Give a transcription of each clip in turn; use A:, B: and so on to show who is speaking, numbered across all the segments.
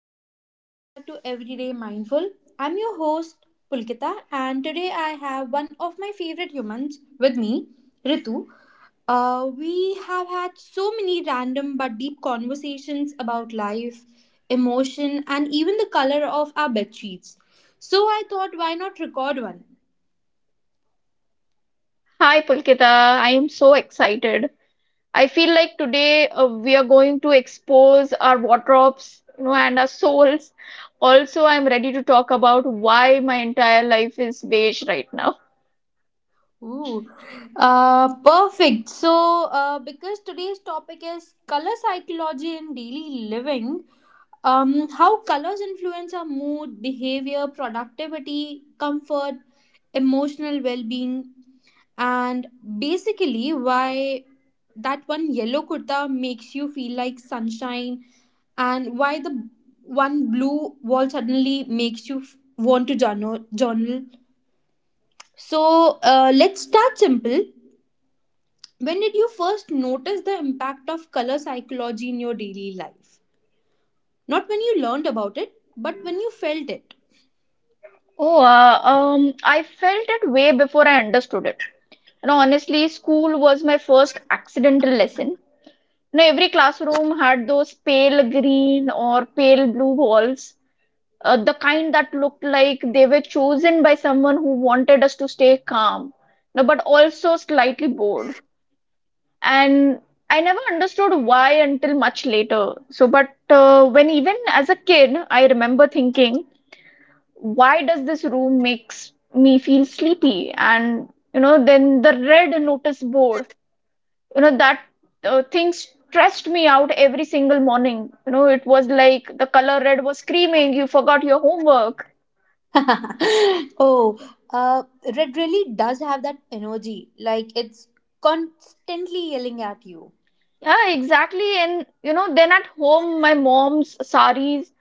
A: hello, and welcome back to Everyday Mindful. I'm your host, Pulkita, and today I have one of my favorite humans with me, Ritu. We have had so many random but deep conversations about life, emotion, and even the color of our bed sheets. So I thought, why not record one?
B: Hi, Pulkita. I am so excited. I feel like today we are going to expose our wardrobes, you know, and our souls. Also, I'm ready to talk about why my entire life is beige right now.
A: Ooh, perfect. So because today's topic is color psychology in daily living, how colors influence our mood, behavior, productivity, comfort, emotional well being, and basically why that one yellow kurta makes you feel like sunshine, and why the one blue wall suddenly makes you want to journal. So, let's start simple. When did you first notice the impact of color psychology in your daily life? Not when you learned about it, but when you felt it.
B: Oh, I felt it way before I understood it. You know, honestly, school was my first accidental lesson. You know, every classroom had those pale green or pale blue walls the kind that looked like they were chosen by someone who wanted us to stay calm, no, but also slightly bored. And I never understood why until much later. So, but when even as a kid, I remember thinking, why does this room makes me feel sleepy? And you know, then the red notice board, you know, that thing stressed me out every single morning. You know, it was like the color red was screaming, you forgot your homework.
A: Oh, uh, red really does have that energy. Like it's constantly yelling at you.
B: Yeah, exactly. And you know, then at home, my mom's saris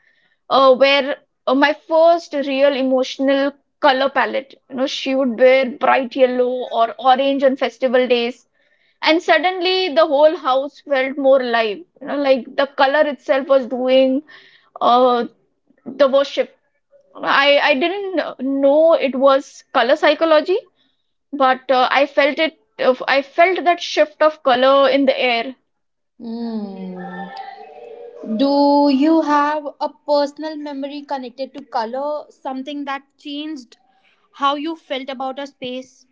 B: were my first real emotional color palette. You know, she would wear bright yellow or orange on festival days, and suddenly the whole house felt more alive. You know, like the color itself was doing uh, the worship. I didn't know it was color psychology, but I felt it. I felt that shift of color in the air.
A: Hmm. Do you have a personal memory connected to color? Something that changed how you felt about a space?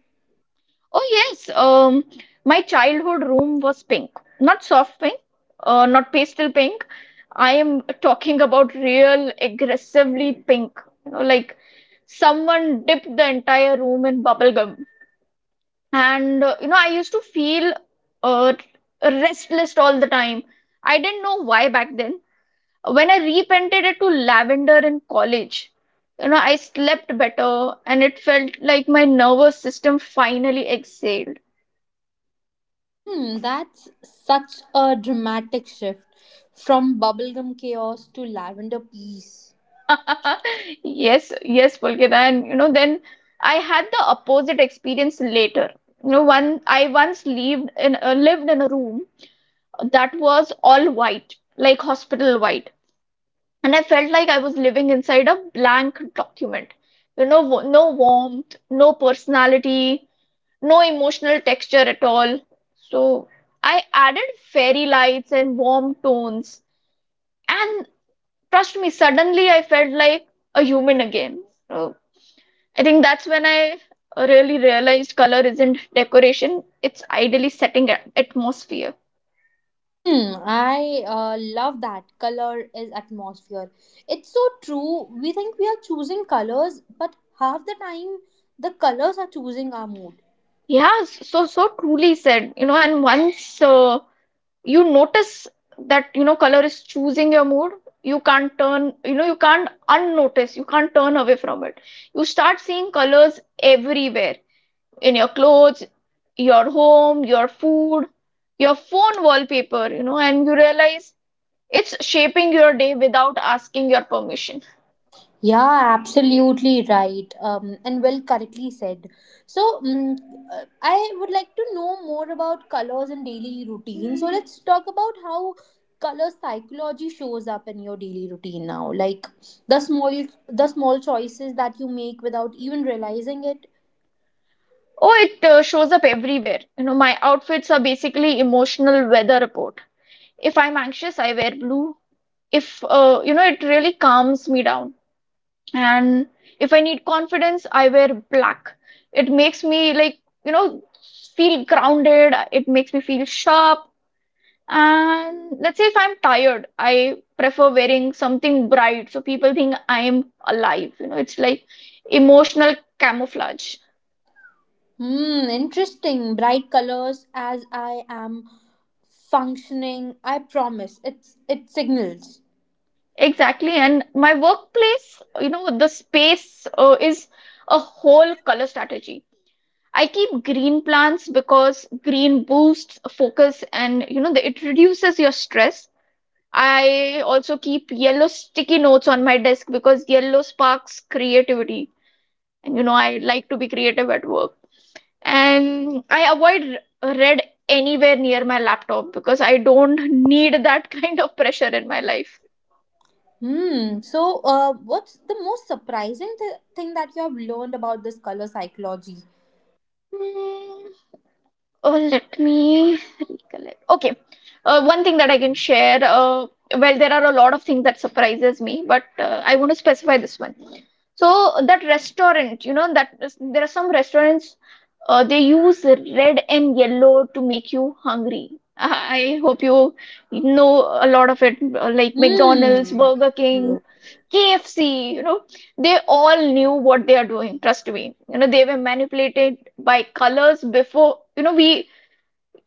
B: Oh yes, my childhood room was pink. Not soft pink, not pastel pink. I am talking about real aggressively pink. You know, like someone dipped the entire room in bubble gum. And you know, I used to feel uh, restless all the time. I didn't know why back then. When I repainted it to lavender in college, you know, I slept better and it felt like my nervous system finally exhaled.
A: Hmm, that's such a dramatic shift from bubblegum chaos to lavender peace.
B: Yes, yes, Pulkit. And you know, then I had the opposite experience later. You know, one I once lived in a room that was all white, like hospital white, and I felt like I was living inside a blank document. You know, no warmth, no personality, no emotional texture at all. So I added fairy lights and warm tones, and trust me, suddenly I felt like a human again. So, I think that's when I really realized color isn't decoration, it's ideally setting atmosphere.
A: Hmm, I love that. Color is atmosphere. It's so true. We think we are choosing colors, but half the time the colors are choosing our mood.
B: Yeah, so so truly said, you know, and once you notice that, you know, color is choosing your mood, you can't turn, you know, you can't unnotice, you can't turn away from it. You start seeing colors everywhere in your clothes, your home, your food, your phone wallpaper, you know, and you realize it's shaping your day without asking your permission.
A: Yeah, absolutely right. And well, correctly said. So I would like to know more about colors and daily routine. So, let's talk about how color psychology shows up in your daily routine now. Like the small choices that you make without even realizing it.
B: Oh, it shows up everywhere. You know, my outfits are basically emotional weather report. If I'm anxious, I wear blue. If you know, it really calms me down. And if I need confidence, I wear black. It makes me like, you know, feel grounded. It makes me feel sharp. And let's say if I'm tired, I prefer wearing something bright so people think I'm alive. You know, it's like emotional camouflage.
A: Hmm, interesting. Bright colors as I am functioning. I promise. It signals.
B: Exactly. And my workplace, you know, the space is a whole color strategy. I keep green plants because green boosts focus and, you know, it reduces your stress. I also keep yellow sticky notes on my desk because yellow sparks creativity. And, you know, I like to be creative at work. And I avoid red anywhere near my laptop because I don't need that kind of pressure in my life.
A: Hmm. So, what's the most surprising thing that you have learned about this color psychology?
B: Oh, let me recollect. Okay. One thing that I can share, well, there are a lot of things that surprises me, but I want to specify this one. So that restaurant, you know, that there are some restaurants, they use red and yellow to make you hungry. I hope you know a lot of it, like McDonald's,
A: Hmm.
B: Burger King,
A: Yeah.
B: KFC, you know, they all knew what they are doing, trust me. You know, they were manipulated by colors before, you know,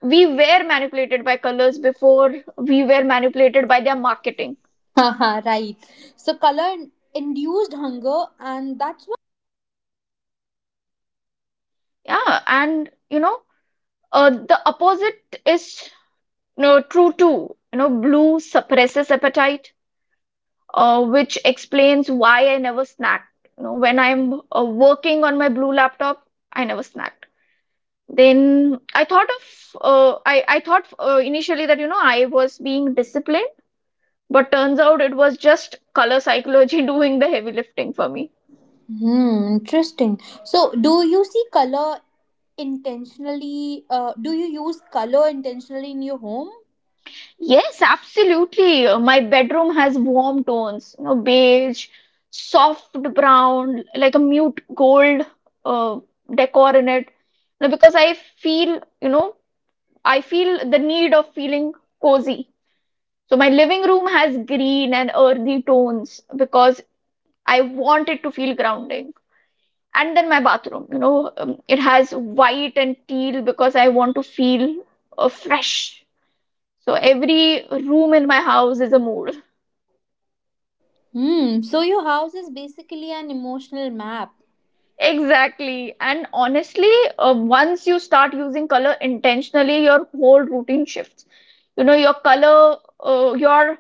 B: we were manipulated by colors before we were manipulated by their marketing.
A: Haha, right. So, color induced hunger, and that's what.
B: Yeah, and you know the opposite is you know, true too. You know, blue suppresses appetite, which explains why I never snacked, you know, when I'm working on my blue laptop I never snacked. Then I thought of I thought initially that you know I was being disciplined, but turns out it was just color psychology doing the heavy lifting for me.
A: Hmm. Interesting. So, do you see color intentionally? Do you use color intentionally in your home?
B: Yes, absolutely. My bedroom has warm tones, you know, beige, soft brown, like a mute gold uh, decor in it. No, because I feel, you know, I feel the need of feeling cozy. So my living room has green and earthy tones because I want it to feel grounding. And then my bathroom, you know, it has white and teal because I want to feel fresh. So every room in my house is a mood.
A: Hmm. So your house is basically an emotional map.
B: Exactly. And honestly, once you start using color intentionally, your whole routine shifts. You know, your color, uh, your,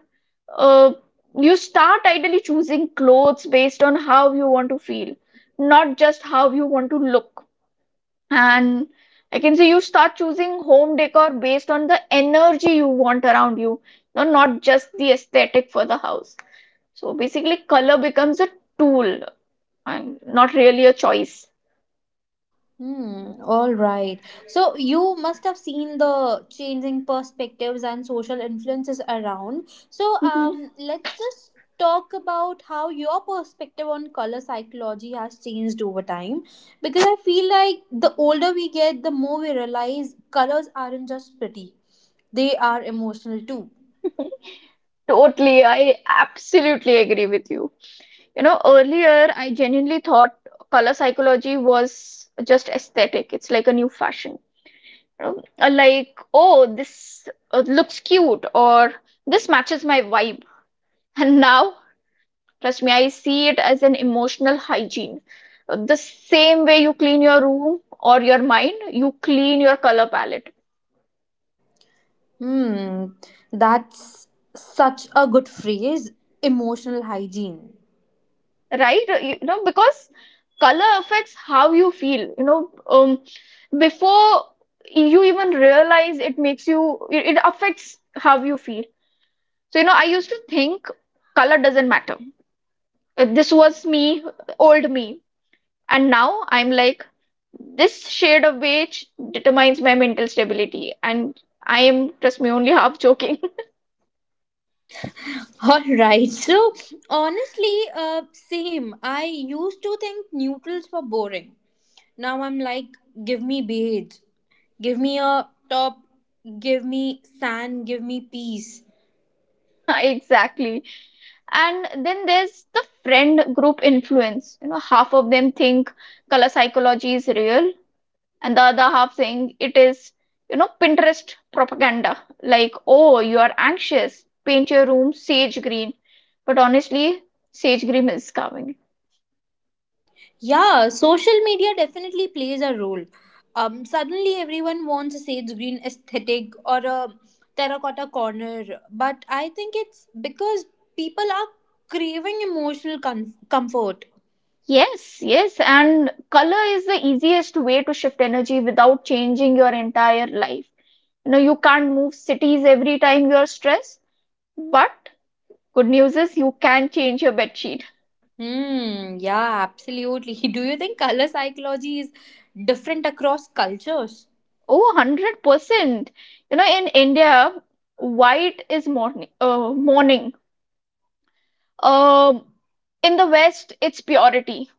B: uh, you start ideally choosing clothes based on how you want to feel, not just how you want to look. And I can say you start choosing home decor based on the energy you want around you, you know, not just the aesthetic for the house. So basically, color becomes a tool and not really a choice.
A: Hmm. All right. So you must have seen the changing perspectives and social influences around. So
B: Mm-hmm.
A: um, let's just talk about how your perspective on color psychology has changed over time, because I feel like the older we get, the more we realize colors aren't just pretty, they are emotional too.
B: Totally, I absolutely agree with you. You know, earlier I genuinely thought color psychology was just aesthetic. It's like a new fashion. You know? Like, oh, this looks cute or this matches my vibe. And now, trust me, I see it as an emotional hygiene. The same way you clean your room or your mind, you clean your color palette.
A: Hmm, that's such a good phrase, emotional hygiene.
B: Right? You know, because color affects how you feel, you know, before you even realize it affects how you feel. So, you know, I used to think color doesn't matter. This was me, old me. And now I'm like, this shade of beige determines my mental stability. And I am, trust me, only half joking.
A: All right. So honestly, same. I used to think neutrals were boring. Now I'm like, give me beige, give me a top, give me sand, give me peace.
B: Exactly. And then there's the friend group influence. You know, half of them think color psychology is real, and the other half think it is, you know, Pinterest propaganda. Like, oh, you are anxious, paint your room sage green. But honestly, sage green is calming.
A: Yeah, social media definitely plays a role. Suddenly everyone wants a sage green aesthetic or a terracotta corner, but I think it's because people are craving emotional comfort.
B: Yes, yes, and color is the easiest way to shift energy without changing your entire life. You know, you can't move cities every time you're stressed, but good news is you can change your bed sheet.
A: Hmm, yeah, absolutely. Do you think color psychology is different across cultures?
B: Oh, 100%. You know, in India, white is morning, Um, in the West, it's purity.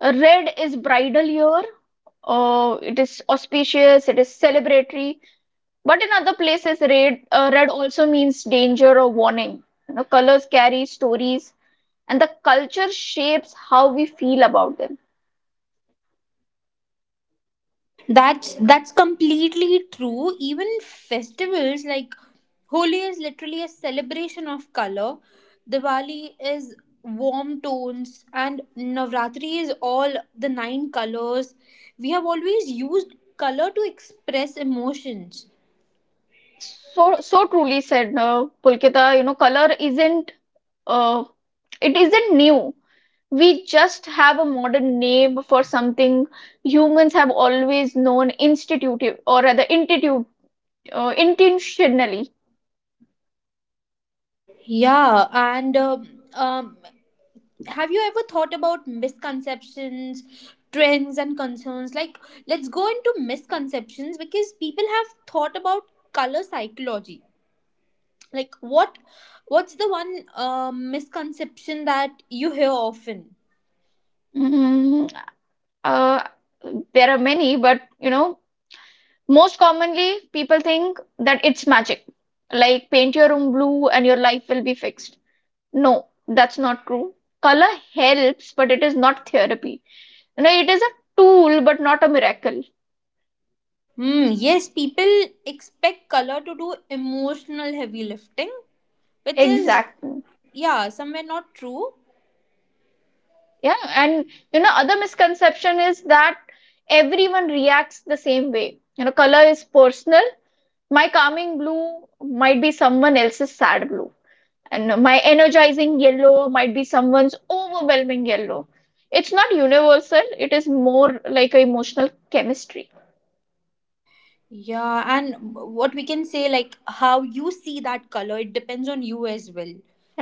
B: Red is bridal year. It is auspicious, it is celebratory. But in other places, red, red also means danger or warning. You know, colors carry stories, and the culture shapes how we feel about them.
A: That's completely true. Even festivals like Holi is literally a celebration of color. Diwali is warm tones and Navratri is all the nine colors. We have always used color to express emotions.
B: So, so truly said, Pulkita, you know, color isn't Uh, it isn't new. We just have a modern name for something humans have always known institutive or rather intuitive, intentionally.
A: Yeah, and have you ever thought about misconceptions, trends and concerns? Like, let's go into misconceptions, because people have thought about color psychology. Like, what what's the one misconception that you hear often?
B: Mm, uh, there are many, but you know, most commonly people think that it's magic, like paint your room blue and your life will be fixed. No, that's not true. Color helps, but it is not therapy. You know, it is a tool, but not a miracle.
A: Hmm. Yes, people expect color to do emotional heavy lifting, which is
B: Exactly.
A: yeah, somewhere not true.
B: Yeah, and you know, other misconception is that everyone reacts the same way. You know, color is personal. My calming blue might be someone else's sad blue, and my energizing yellow might be someone's overwhelming yellow. It's not universal, it is more like a emotional chemistry.
A: Yeah, and what we can say, like how you see that color, it depends on you as well,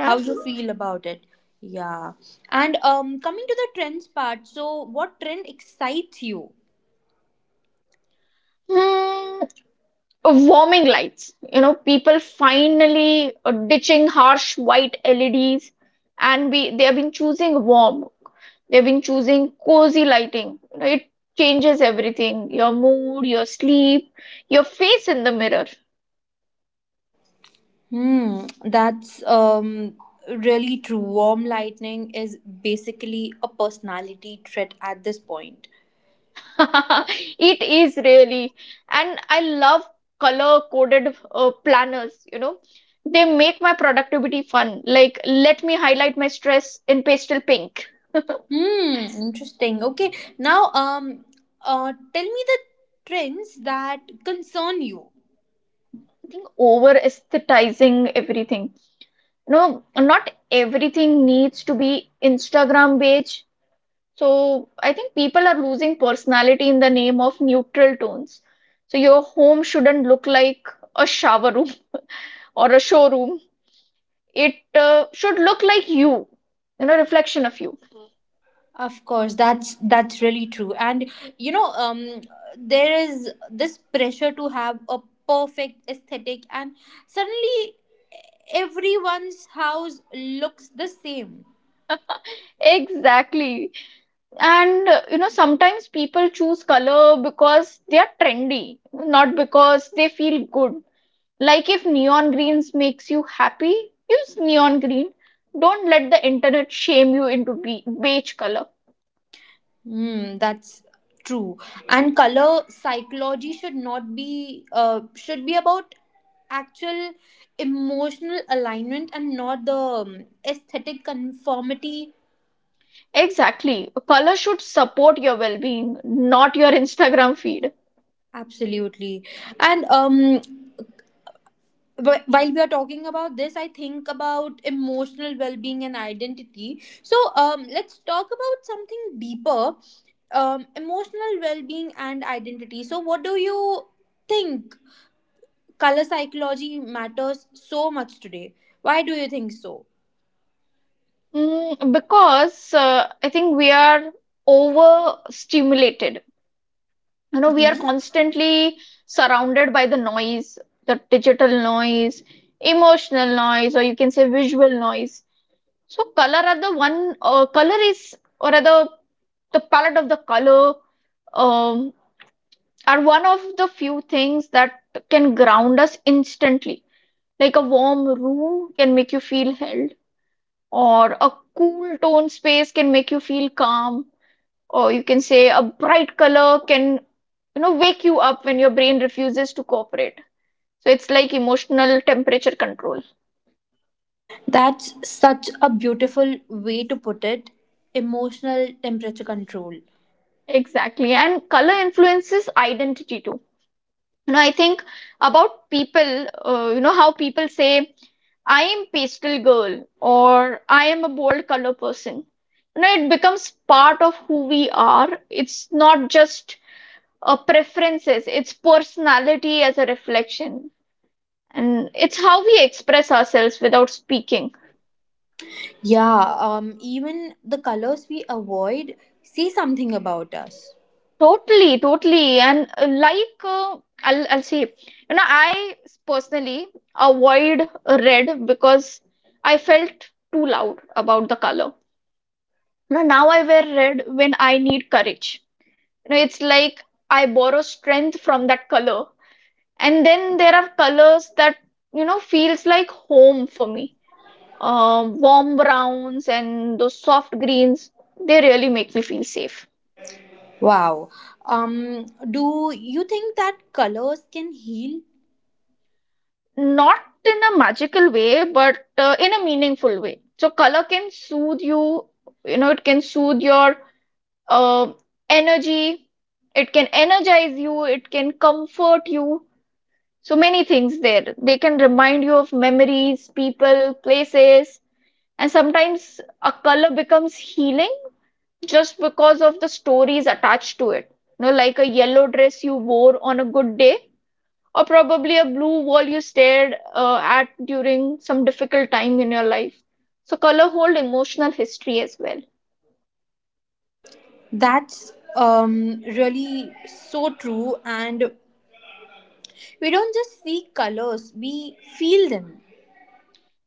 A: how you feel about it. Yeah. And coming to the trends part, so what trend excites you?
B: Hmm. Warming lights. You know, people finally ditching harsh white LEDs, and we they have been choosing warm. They've been choosing cozy lighting. You know, it changes everything: your mood, your sleep, your face in the mirror.
A: Hmm, that's really true. Warm lightning is basically a personality trait at this point.
B: It is really, and I love color-coded planners. You know, they make my productivity fun. Like, let me highlight my stress in pastel pink.
A: Hmm, interesting. Okay, now tell me the trends that concern you.
B: Over aesthetizing everything. No, not everything needs to be instagram page. So I think people are losing personality in the name of neutral tones. So your home shouldn't look like a shower room or a showroom. It should look like you know, reflection of you.
A: Of course, that's really true. And you know, um, there is this pressure to have a perfect aesthetic, and suddenly everyone's house looks the same.
B: Exactly, and you know sometimes people choose color because they are trendy, not because they feel good. Like if neon greens makes you happy, use neon green. Don't let the internet shame you into beige color.
A: Hmm, that's true. And color psychology should not be should be about actual emotional alignment and not the aesthetic conformity.
B: Exactly. Color should support your well-being, not your Instagram feed.
A: Absolutely. And but while we are talking about this, I think about emotional well-being and identity. So let's talk about something deeper, emotional well-being and identity. So what do you think color psychology matters so much today? Why do you think so?
B: Because I think we are overstimulated. You know, we are
A: Mhm.
B: constantly surrounded by the noise, the digital noise, emotional noise, or you can say visual noise. So color are the one color is or rather the palette of the color um, are one of the few things that can ground us instantly. Like a warm room can make you feel held, or a cool tone space can make you feel calm, or you can say a bright color can, wake you up when your brain refuses to cooperate. So it's like emotional temperature control.
A: That's such a beautiful way to put it, emotional temperature control.
B: Exactly. And color influences identity too. You know, I think about people, you know, how people say I am pastel girl or I am a bold color person. You know, it becomes part of who we are. It's not just preferences, it's personality as a reflection, and it's how we express ourselves without speaking.
A: Yeah even the colors we avoid say something about us.
B: Totally, and like, I'll say, you know, I personally avoid red because I felt too loud about the color. No, now I wear red when I need courage. You know, it's like I borrow strength from that color. And then there are colors that, you know, feels like home for me. Warm browns and those soft greens, they really make me feel safe.
A: Wow. Do you think that colors can heal?
B: Not in a magical way, but in a meaningful way. So color can soothe you, you know, it can soothe your uh, energy, it can energize you, it can comfort you. So many things there. They can remind you of memories, people, places, and sometimes a color becomes healing just because of the stories attached to it. You know, like a yellow dress you wore on a good day, or probably a blue wall you stared at during some difficult time in your life. So color hold emotional history as well.
A: That's really so true. And we don't just see colors, we feel them.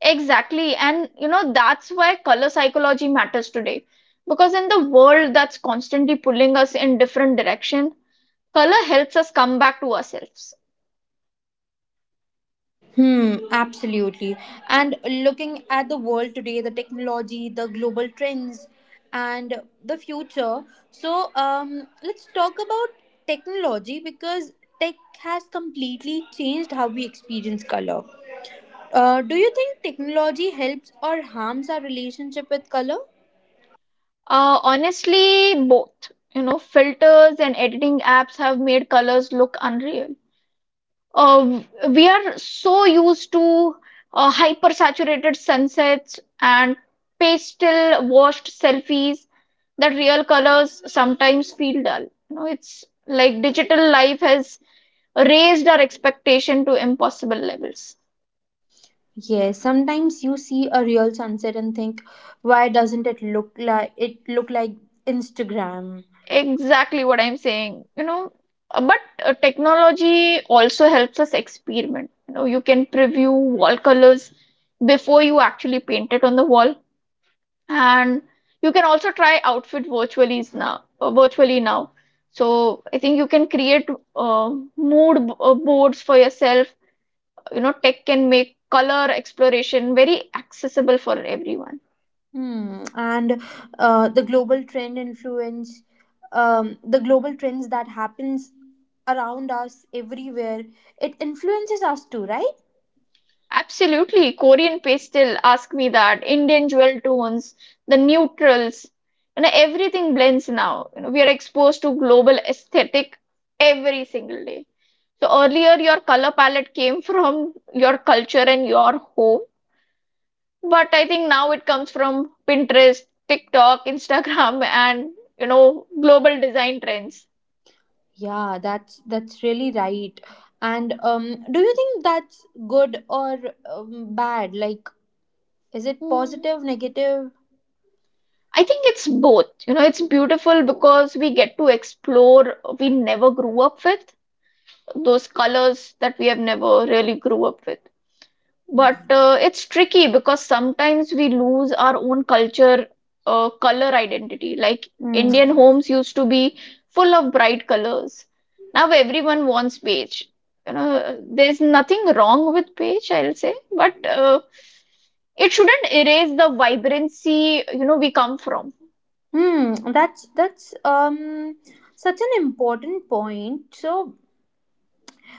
B: Exactly, and you know, that's why color psychology matters today, because in the world that's constantly pulling us in different direction, color helps us come back to ourselves.
A: Hmm, absolutely. And looking at the world today, the technology, the global trends, and the future. So, let's talk about technology, because tech has completely changed how we experience color. Do you think technology helps or harms our relationship with color?
B: Honestly, both. You know, filters and editing apps have made colors look unreal. Uh, we are so used to hyper saturated sunsets and pastel washed selfies that real colors sometimes feel dull. You know, it's like digital life has raised our expectation to impossible levels.
A: Yes, sometimes you see a real sunset and think, why doesn't it look like Instagram?
B: Exactly what I'm saying, you know. But technology also helps us experiment. You know, you can preview wall colors before you actually paint it on the wall, and you can also try outfit virtually is now, virtually now. So I think you can create mood boards for yourself. You know, tech can make color exploration very accessible for everyone.
A: Hmm. And the global trend influence, the global trends that happens around us everywhere, it influences us too, right?
B: Absolutely. Korean pastel, ask me that. Indian jewel tones, the neutrals, you know, everything blends now. You know, we are exposed to global aesthetic every single day. So earlier your color palette came from your culture and your home, but I think now it comes from Pinterest, TikTok, Instagram, and you know, global design trends.
A: Yeah, that's really right. And do you think that's good or bad? Like, is it
B: Hmm.
A: positive, negative?
B: I think it's both. You know, it's beautiful because we get to explore we never grew up with those colors that we have never really grew up with. But it's tricky because sometimes we lose our own culture, color identity. Like
A: Hmm.
B: Indian homes used to be full of bright colors. Now everyone wants beige. You know, there's nothing wrong with beige, I'll say, but it shouldn't erase the vibrancy, you know, we come from.
A: Hmm. That's such an important point. So,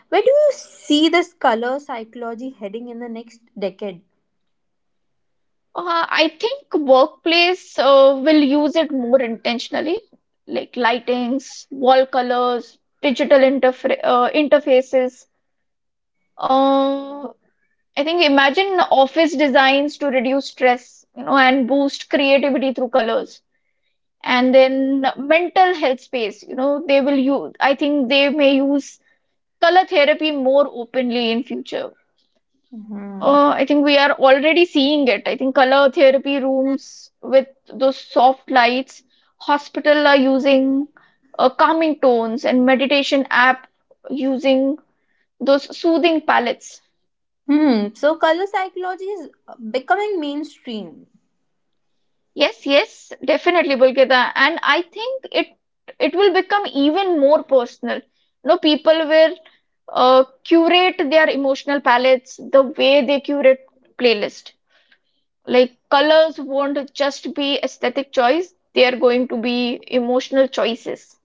A: where do you see this color psychology heading in the next decade?
B: I think workplace will use it more intentionally, like lightings, wall colors, digital interfra interfaces. Uh, I think imagine office designs to reduce stress, you know, and boost creativity through colors. And then mental health space, you know, I think they may use color therapy more openly in future.
A: Hmm.
B: I think we are already seeing it. I think color therapy rooms with those soft lights, hospital are using calming tones, and meditation app using those soothing palettes.
A: Hmm. So, color psychology is becoming mainstream.
B: Yes, yes, definitely, Bulkita. And I think it will become even more personal. You know, people will curate their emotional palettes the way they curate playlist. Like colors won't just be aesthetic choice, they are going to be emotional choices.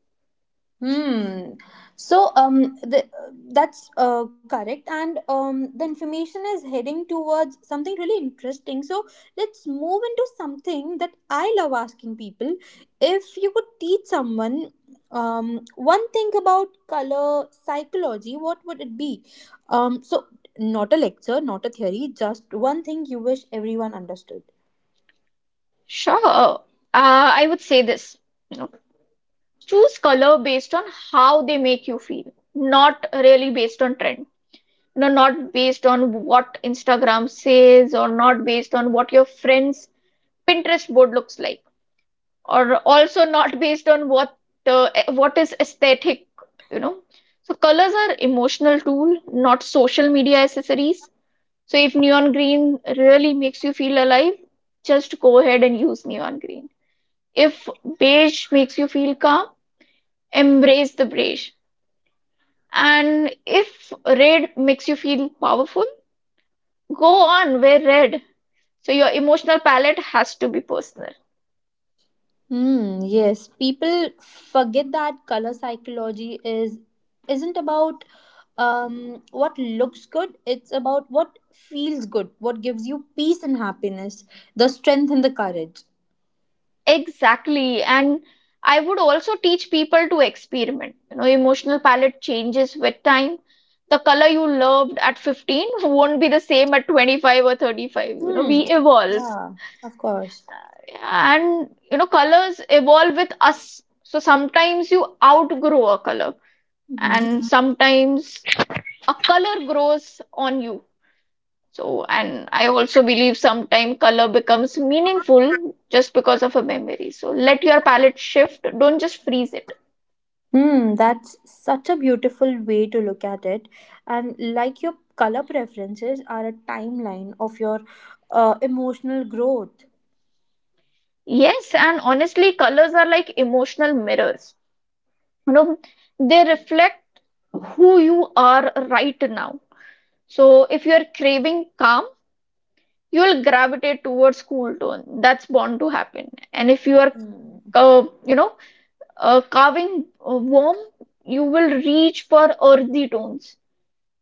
A: Hmm. So that's correct, and the information is heading towards something really interesting. So let's move into something that I love asking people. If you could teach someone one thing about color psychology, what would it be? Um, so Not a lecture, not a theory, just one thing you wish everyone understood.
B: Sure. I would say this, you know, choose color based on how they make you feel, not really based on trend. No, not based on what Instagram says, or not based on what your friend's Pinterest board looks like, or also not based on what what is aesthetic, you know. So colors are emotional tool, not social media accessories. So if neon green really makes you feel alive, just go ahead and use neon green. If beige makes you feel calm, embrace the beige. And if red makes you feel powerful, go on, wear red. So your emotional palette has to be personal.
A: Hmm, yes, people forget that color psychology is isn't about what looks good, it's about what feels good, what gives you peace and happiness, the strength and the courage.
B: Exactly. And I would also teach people to experiment. You know, emotional palette changes with time. The color you loved at 15 won't be the same at 25 or 35. You know, we
A: Hmm.
B: evolve.
A: Yeah, of course.
B: And you know, colors evolve with us. So sometimes you outgrow a color, and
A: Hmm.
B: sometimes a color grows on you. So, and I also believe sometimes color becomes meaningful just because of a memory. So let your palette shift, don't just freeze it.
A: Hmm, that's such a beautiful way to look at it. And like your color preferences are a timeline of your emotional growth.
B: Yes, and honestly colors are like emotional mirrors, you know, they reflect who you are right now. So if you are craving calm, you will gravitate towards cool tone, that's bound to happen. And if you are
A: Hmm.
B: you know, carving warm, you will reach for earthy tones.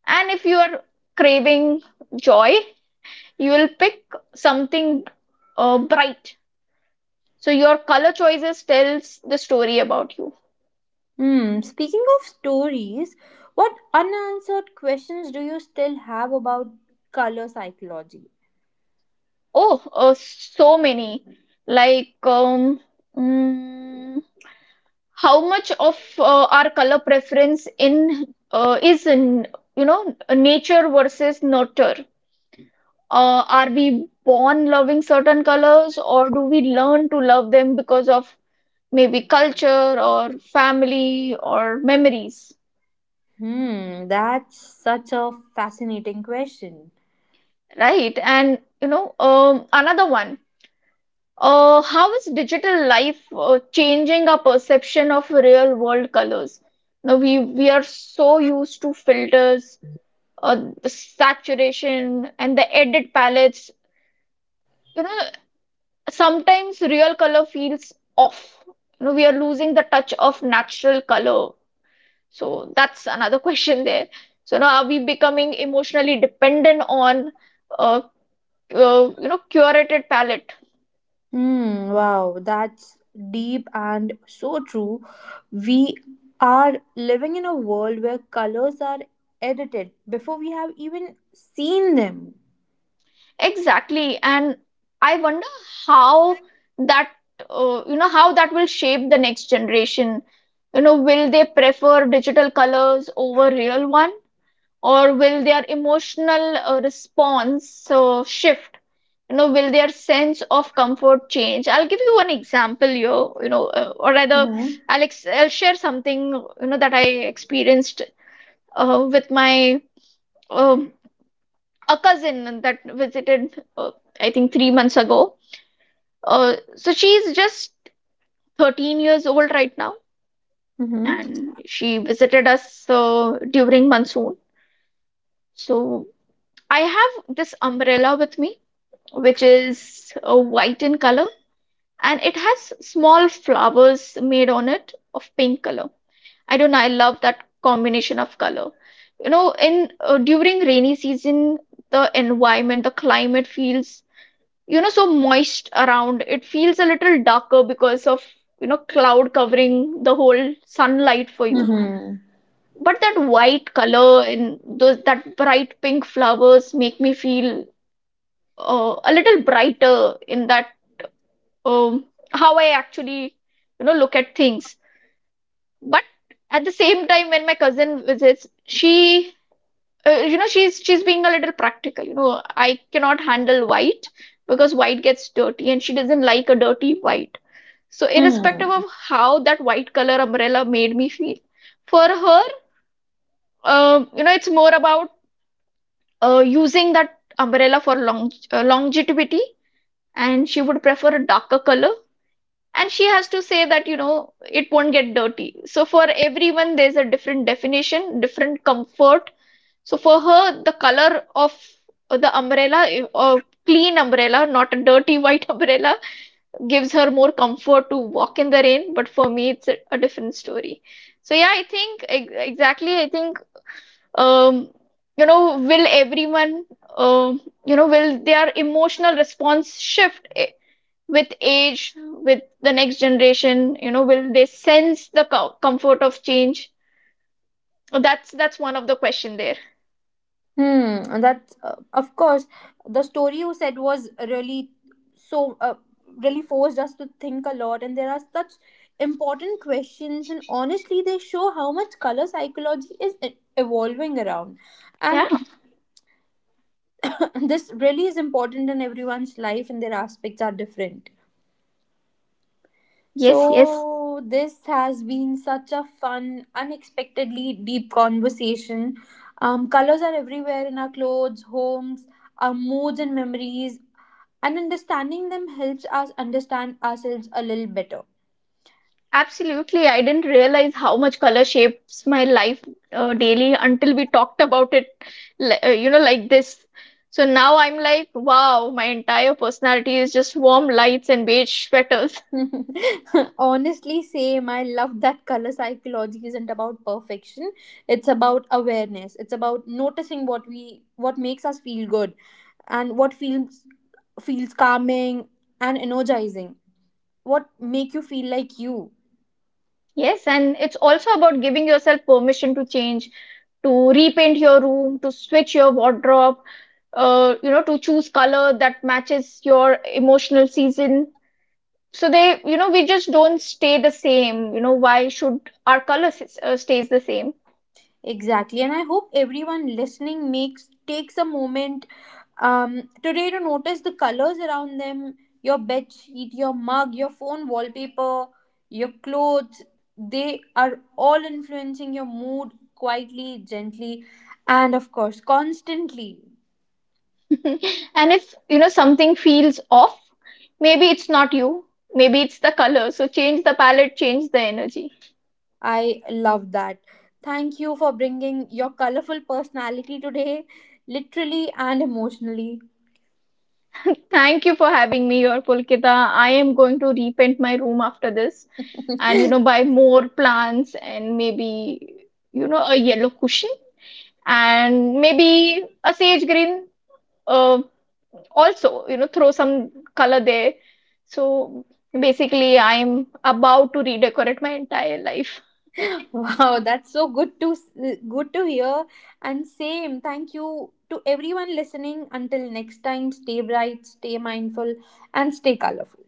B: And if you are craving joy, you will pick something bright. So your color choices tells the story about you.
A: Hmm. Speaking of stories, what unanswered questions do you still have about color psychology?
B: Oh, so many. Like, mm, how much of our color preference in is in, you know, nature versus nurture? Are we born loving certain colors, or do we learn to love them because of maybe culture or family or memories?
A: Hmm. That's such a fascinating question.
B: Right, and you know, another one, how is digital life changing our perception of real world colors? Now we are so used to filters, uh, the saturation and the added palettes. You know, sometimes real color feels off. You know, we are losing the touch of natural color. So that's another question there. So now, are we becoming emotionally dependent on, uh, you know, curated palette?
A: Hmm. Wow. That's deep and so true. We are living in a world where colors are edited before we have even seen them.
B: Exactly. And I wonder how that, you know, how that will shape the next generation. You know, will they prefer digital colors over real one? Or will their emotional response shift? You know, will their sense of comfort change? I'll give you one example here, you know, or rather,
A: Mm-hmm.
B: I'll, ex- I'll share something, you know, that I experienced with my um, a cousin that visited, I think, 3 months ago. So she's just 13 years old right now,
A: Mm-hmm.
B: and she visited us during monsoon. So I have this umbrella with me which is white in color, and it has small flowers made on it of pink color. I don't know, I love that combination of color. You know, in during rainy season, the environment, the climate feels, you know, so moist around. It feels a little darker because of, you know, cloud covering the whole sunlight for you. But that white color and those that bright pink flowers make me feel a little brighter in that um, how I actually, you know, look at things. But at the same time, when my cousin visits, she, you know, she's being a little practical. You know, I cannot handle white because white gets dirty, and she doesn't like a dirty white. So, irrespective
A: Mm-hmm.
B: of how that white color umbrella made me feel, for her, you know, it's more about using that umbrella for longevity, and she would prefer a darker color, and she has to say that you know, it won't get dirty. So for everyone there's a different definition, different comfort. So for her, the color of the umbrella, a clean umbrella, not a dirty white umbrella, gives her more comfort to walk in the rain, but for me, it's a different story. So yeah, I think exactly I think um you know, will everyone, you know, will their emotional response shift, with age, with the next generation, you know, will they sense the comfort of change? That's one of the question there.
A: Hmm, and that of course the story you said was really so really forced us to think a lot, and there are such important questions, and honestly, they show how much color psychology is evolving around,
B: Yeah.
A: and this really is important in everyone's life, and their aspects are different.
B: Yes. Yes.
A: So, this has been such a fun, unexpectedly deep conversation. Colors are everywhere in our clothes, homes, our moods, and memories, and understanding them helps us understand ourselves a little better.
B: Absolutely. I didn't realize how much color shapes my life daily until we talked about it, you know, like this. So now I'm like, wow, my entire personality is just warm lights and beige sweaters.
A: Honestly, same. I love that color psychology isn't about perfection. It's about awareness. It's about noticing what makes us feel good and what feels calming and energizing, what make you feel like you.
B: Yes, and it's also about giving yourself permission to change, to repaint your room, to switch your wardrobe, you know, to choose color that matches your emotional season. So they, you know, we just don't stay the same. You know, why should our color stays the same?
A: Exactly, and I hope everyone listening makes takes a moment today to notice the colors around them, your bed sheet, your mug, your phone wallpaper, your clothes, they are all influencing your mood quietly, gently, and of course constantly.
B: And if, you know, something feels off, maybe it's not you, maybe it's the color. So change the palette, change the energy.
A: I love that. Thank you for bringing your colorful personality today, literally and emotionally.
B: Thank you for having me here, Pulkita. I am going to repaint my room after this and, you know, buy more plants and maybe, you know, a yellow cushion and maybe a sage green. Uh, Also, you know, throw some color there. So basically, I'm about to redecorate my entire life.
A: Wow, that's so good to good to hear. And same, thank you to everyone listening. Until next time, stay bright, stay mindful, and stay colorful.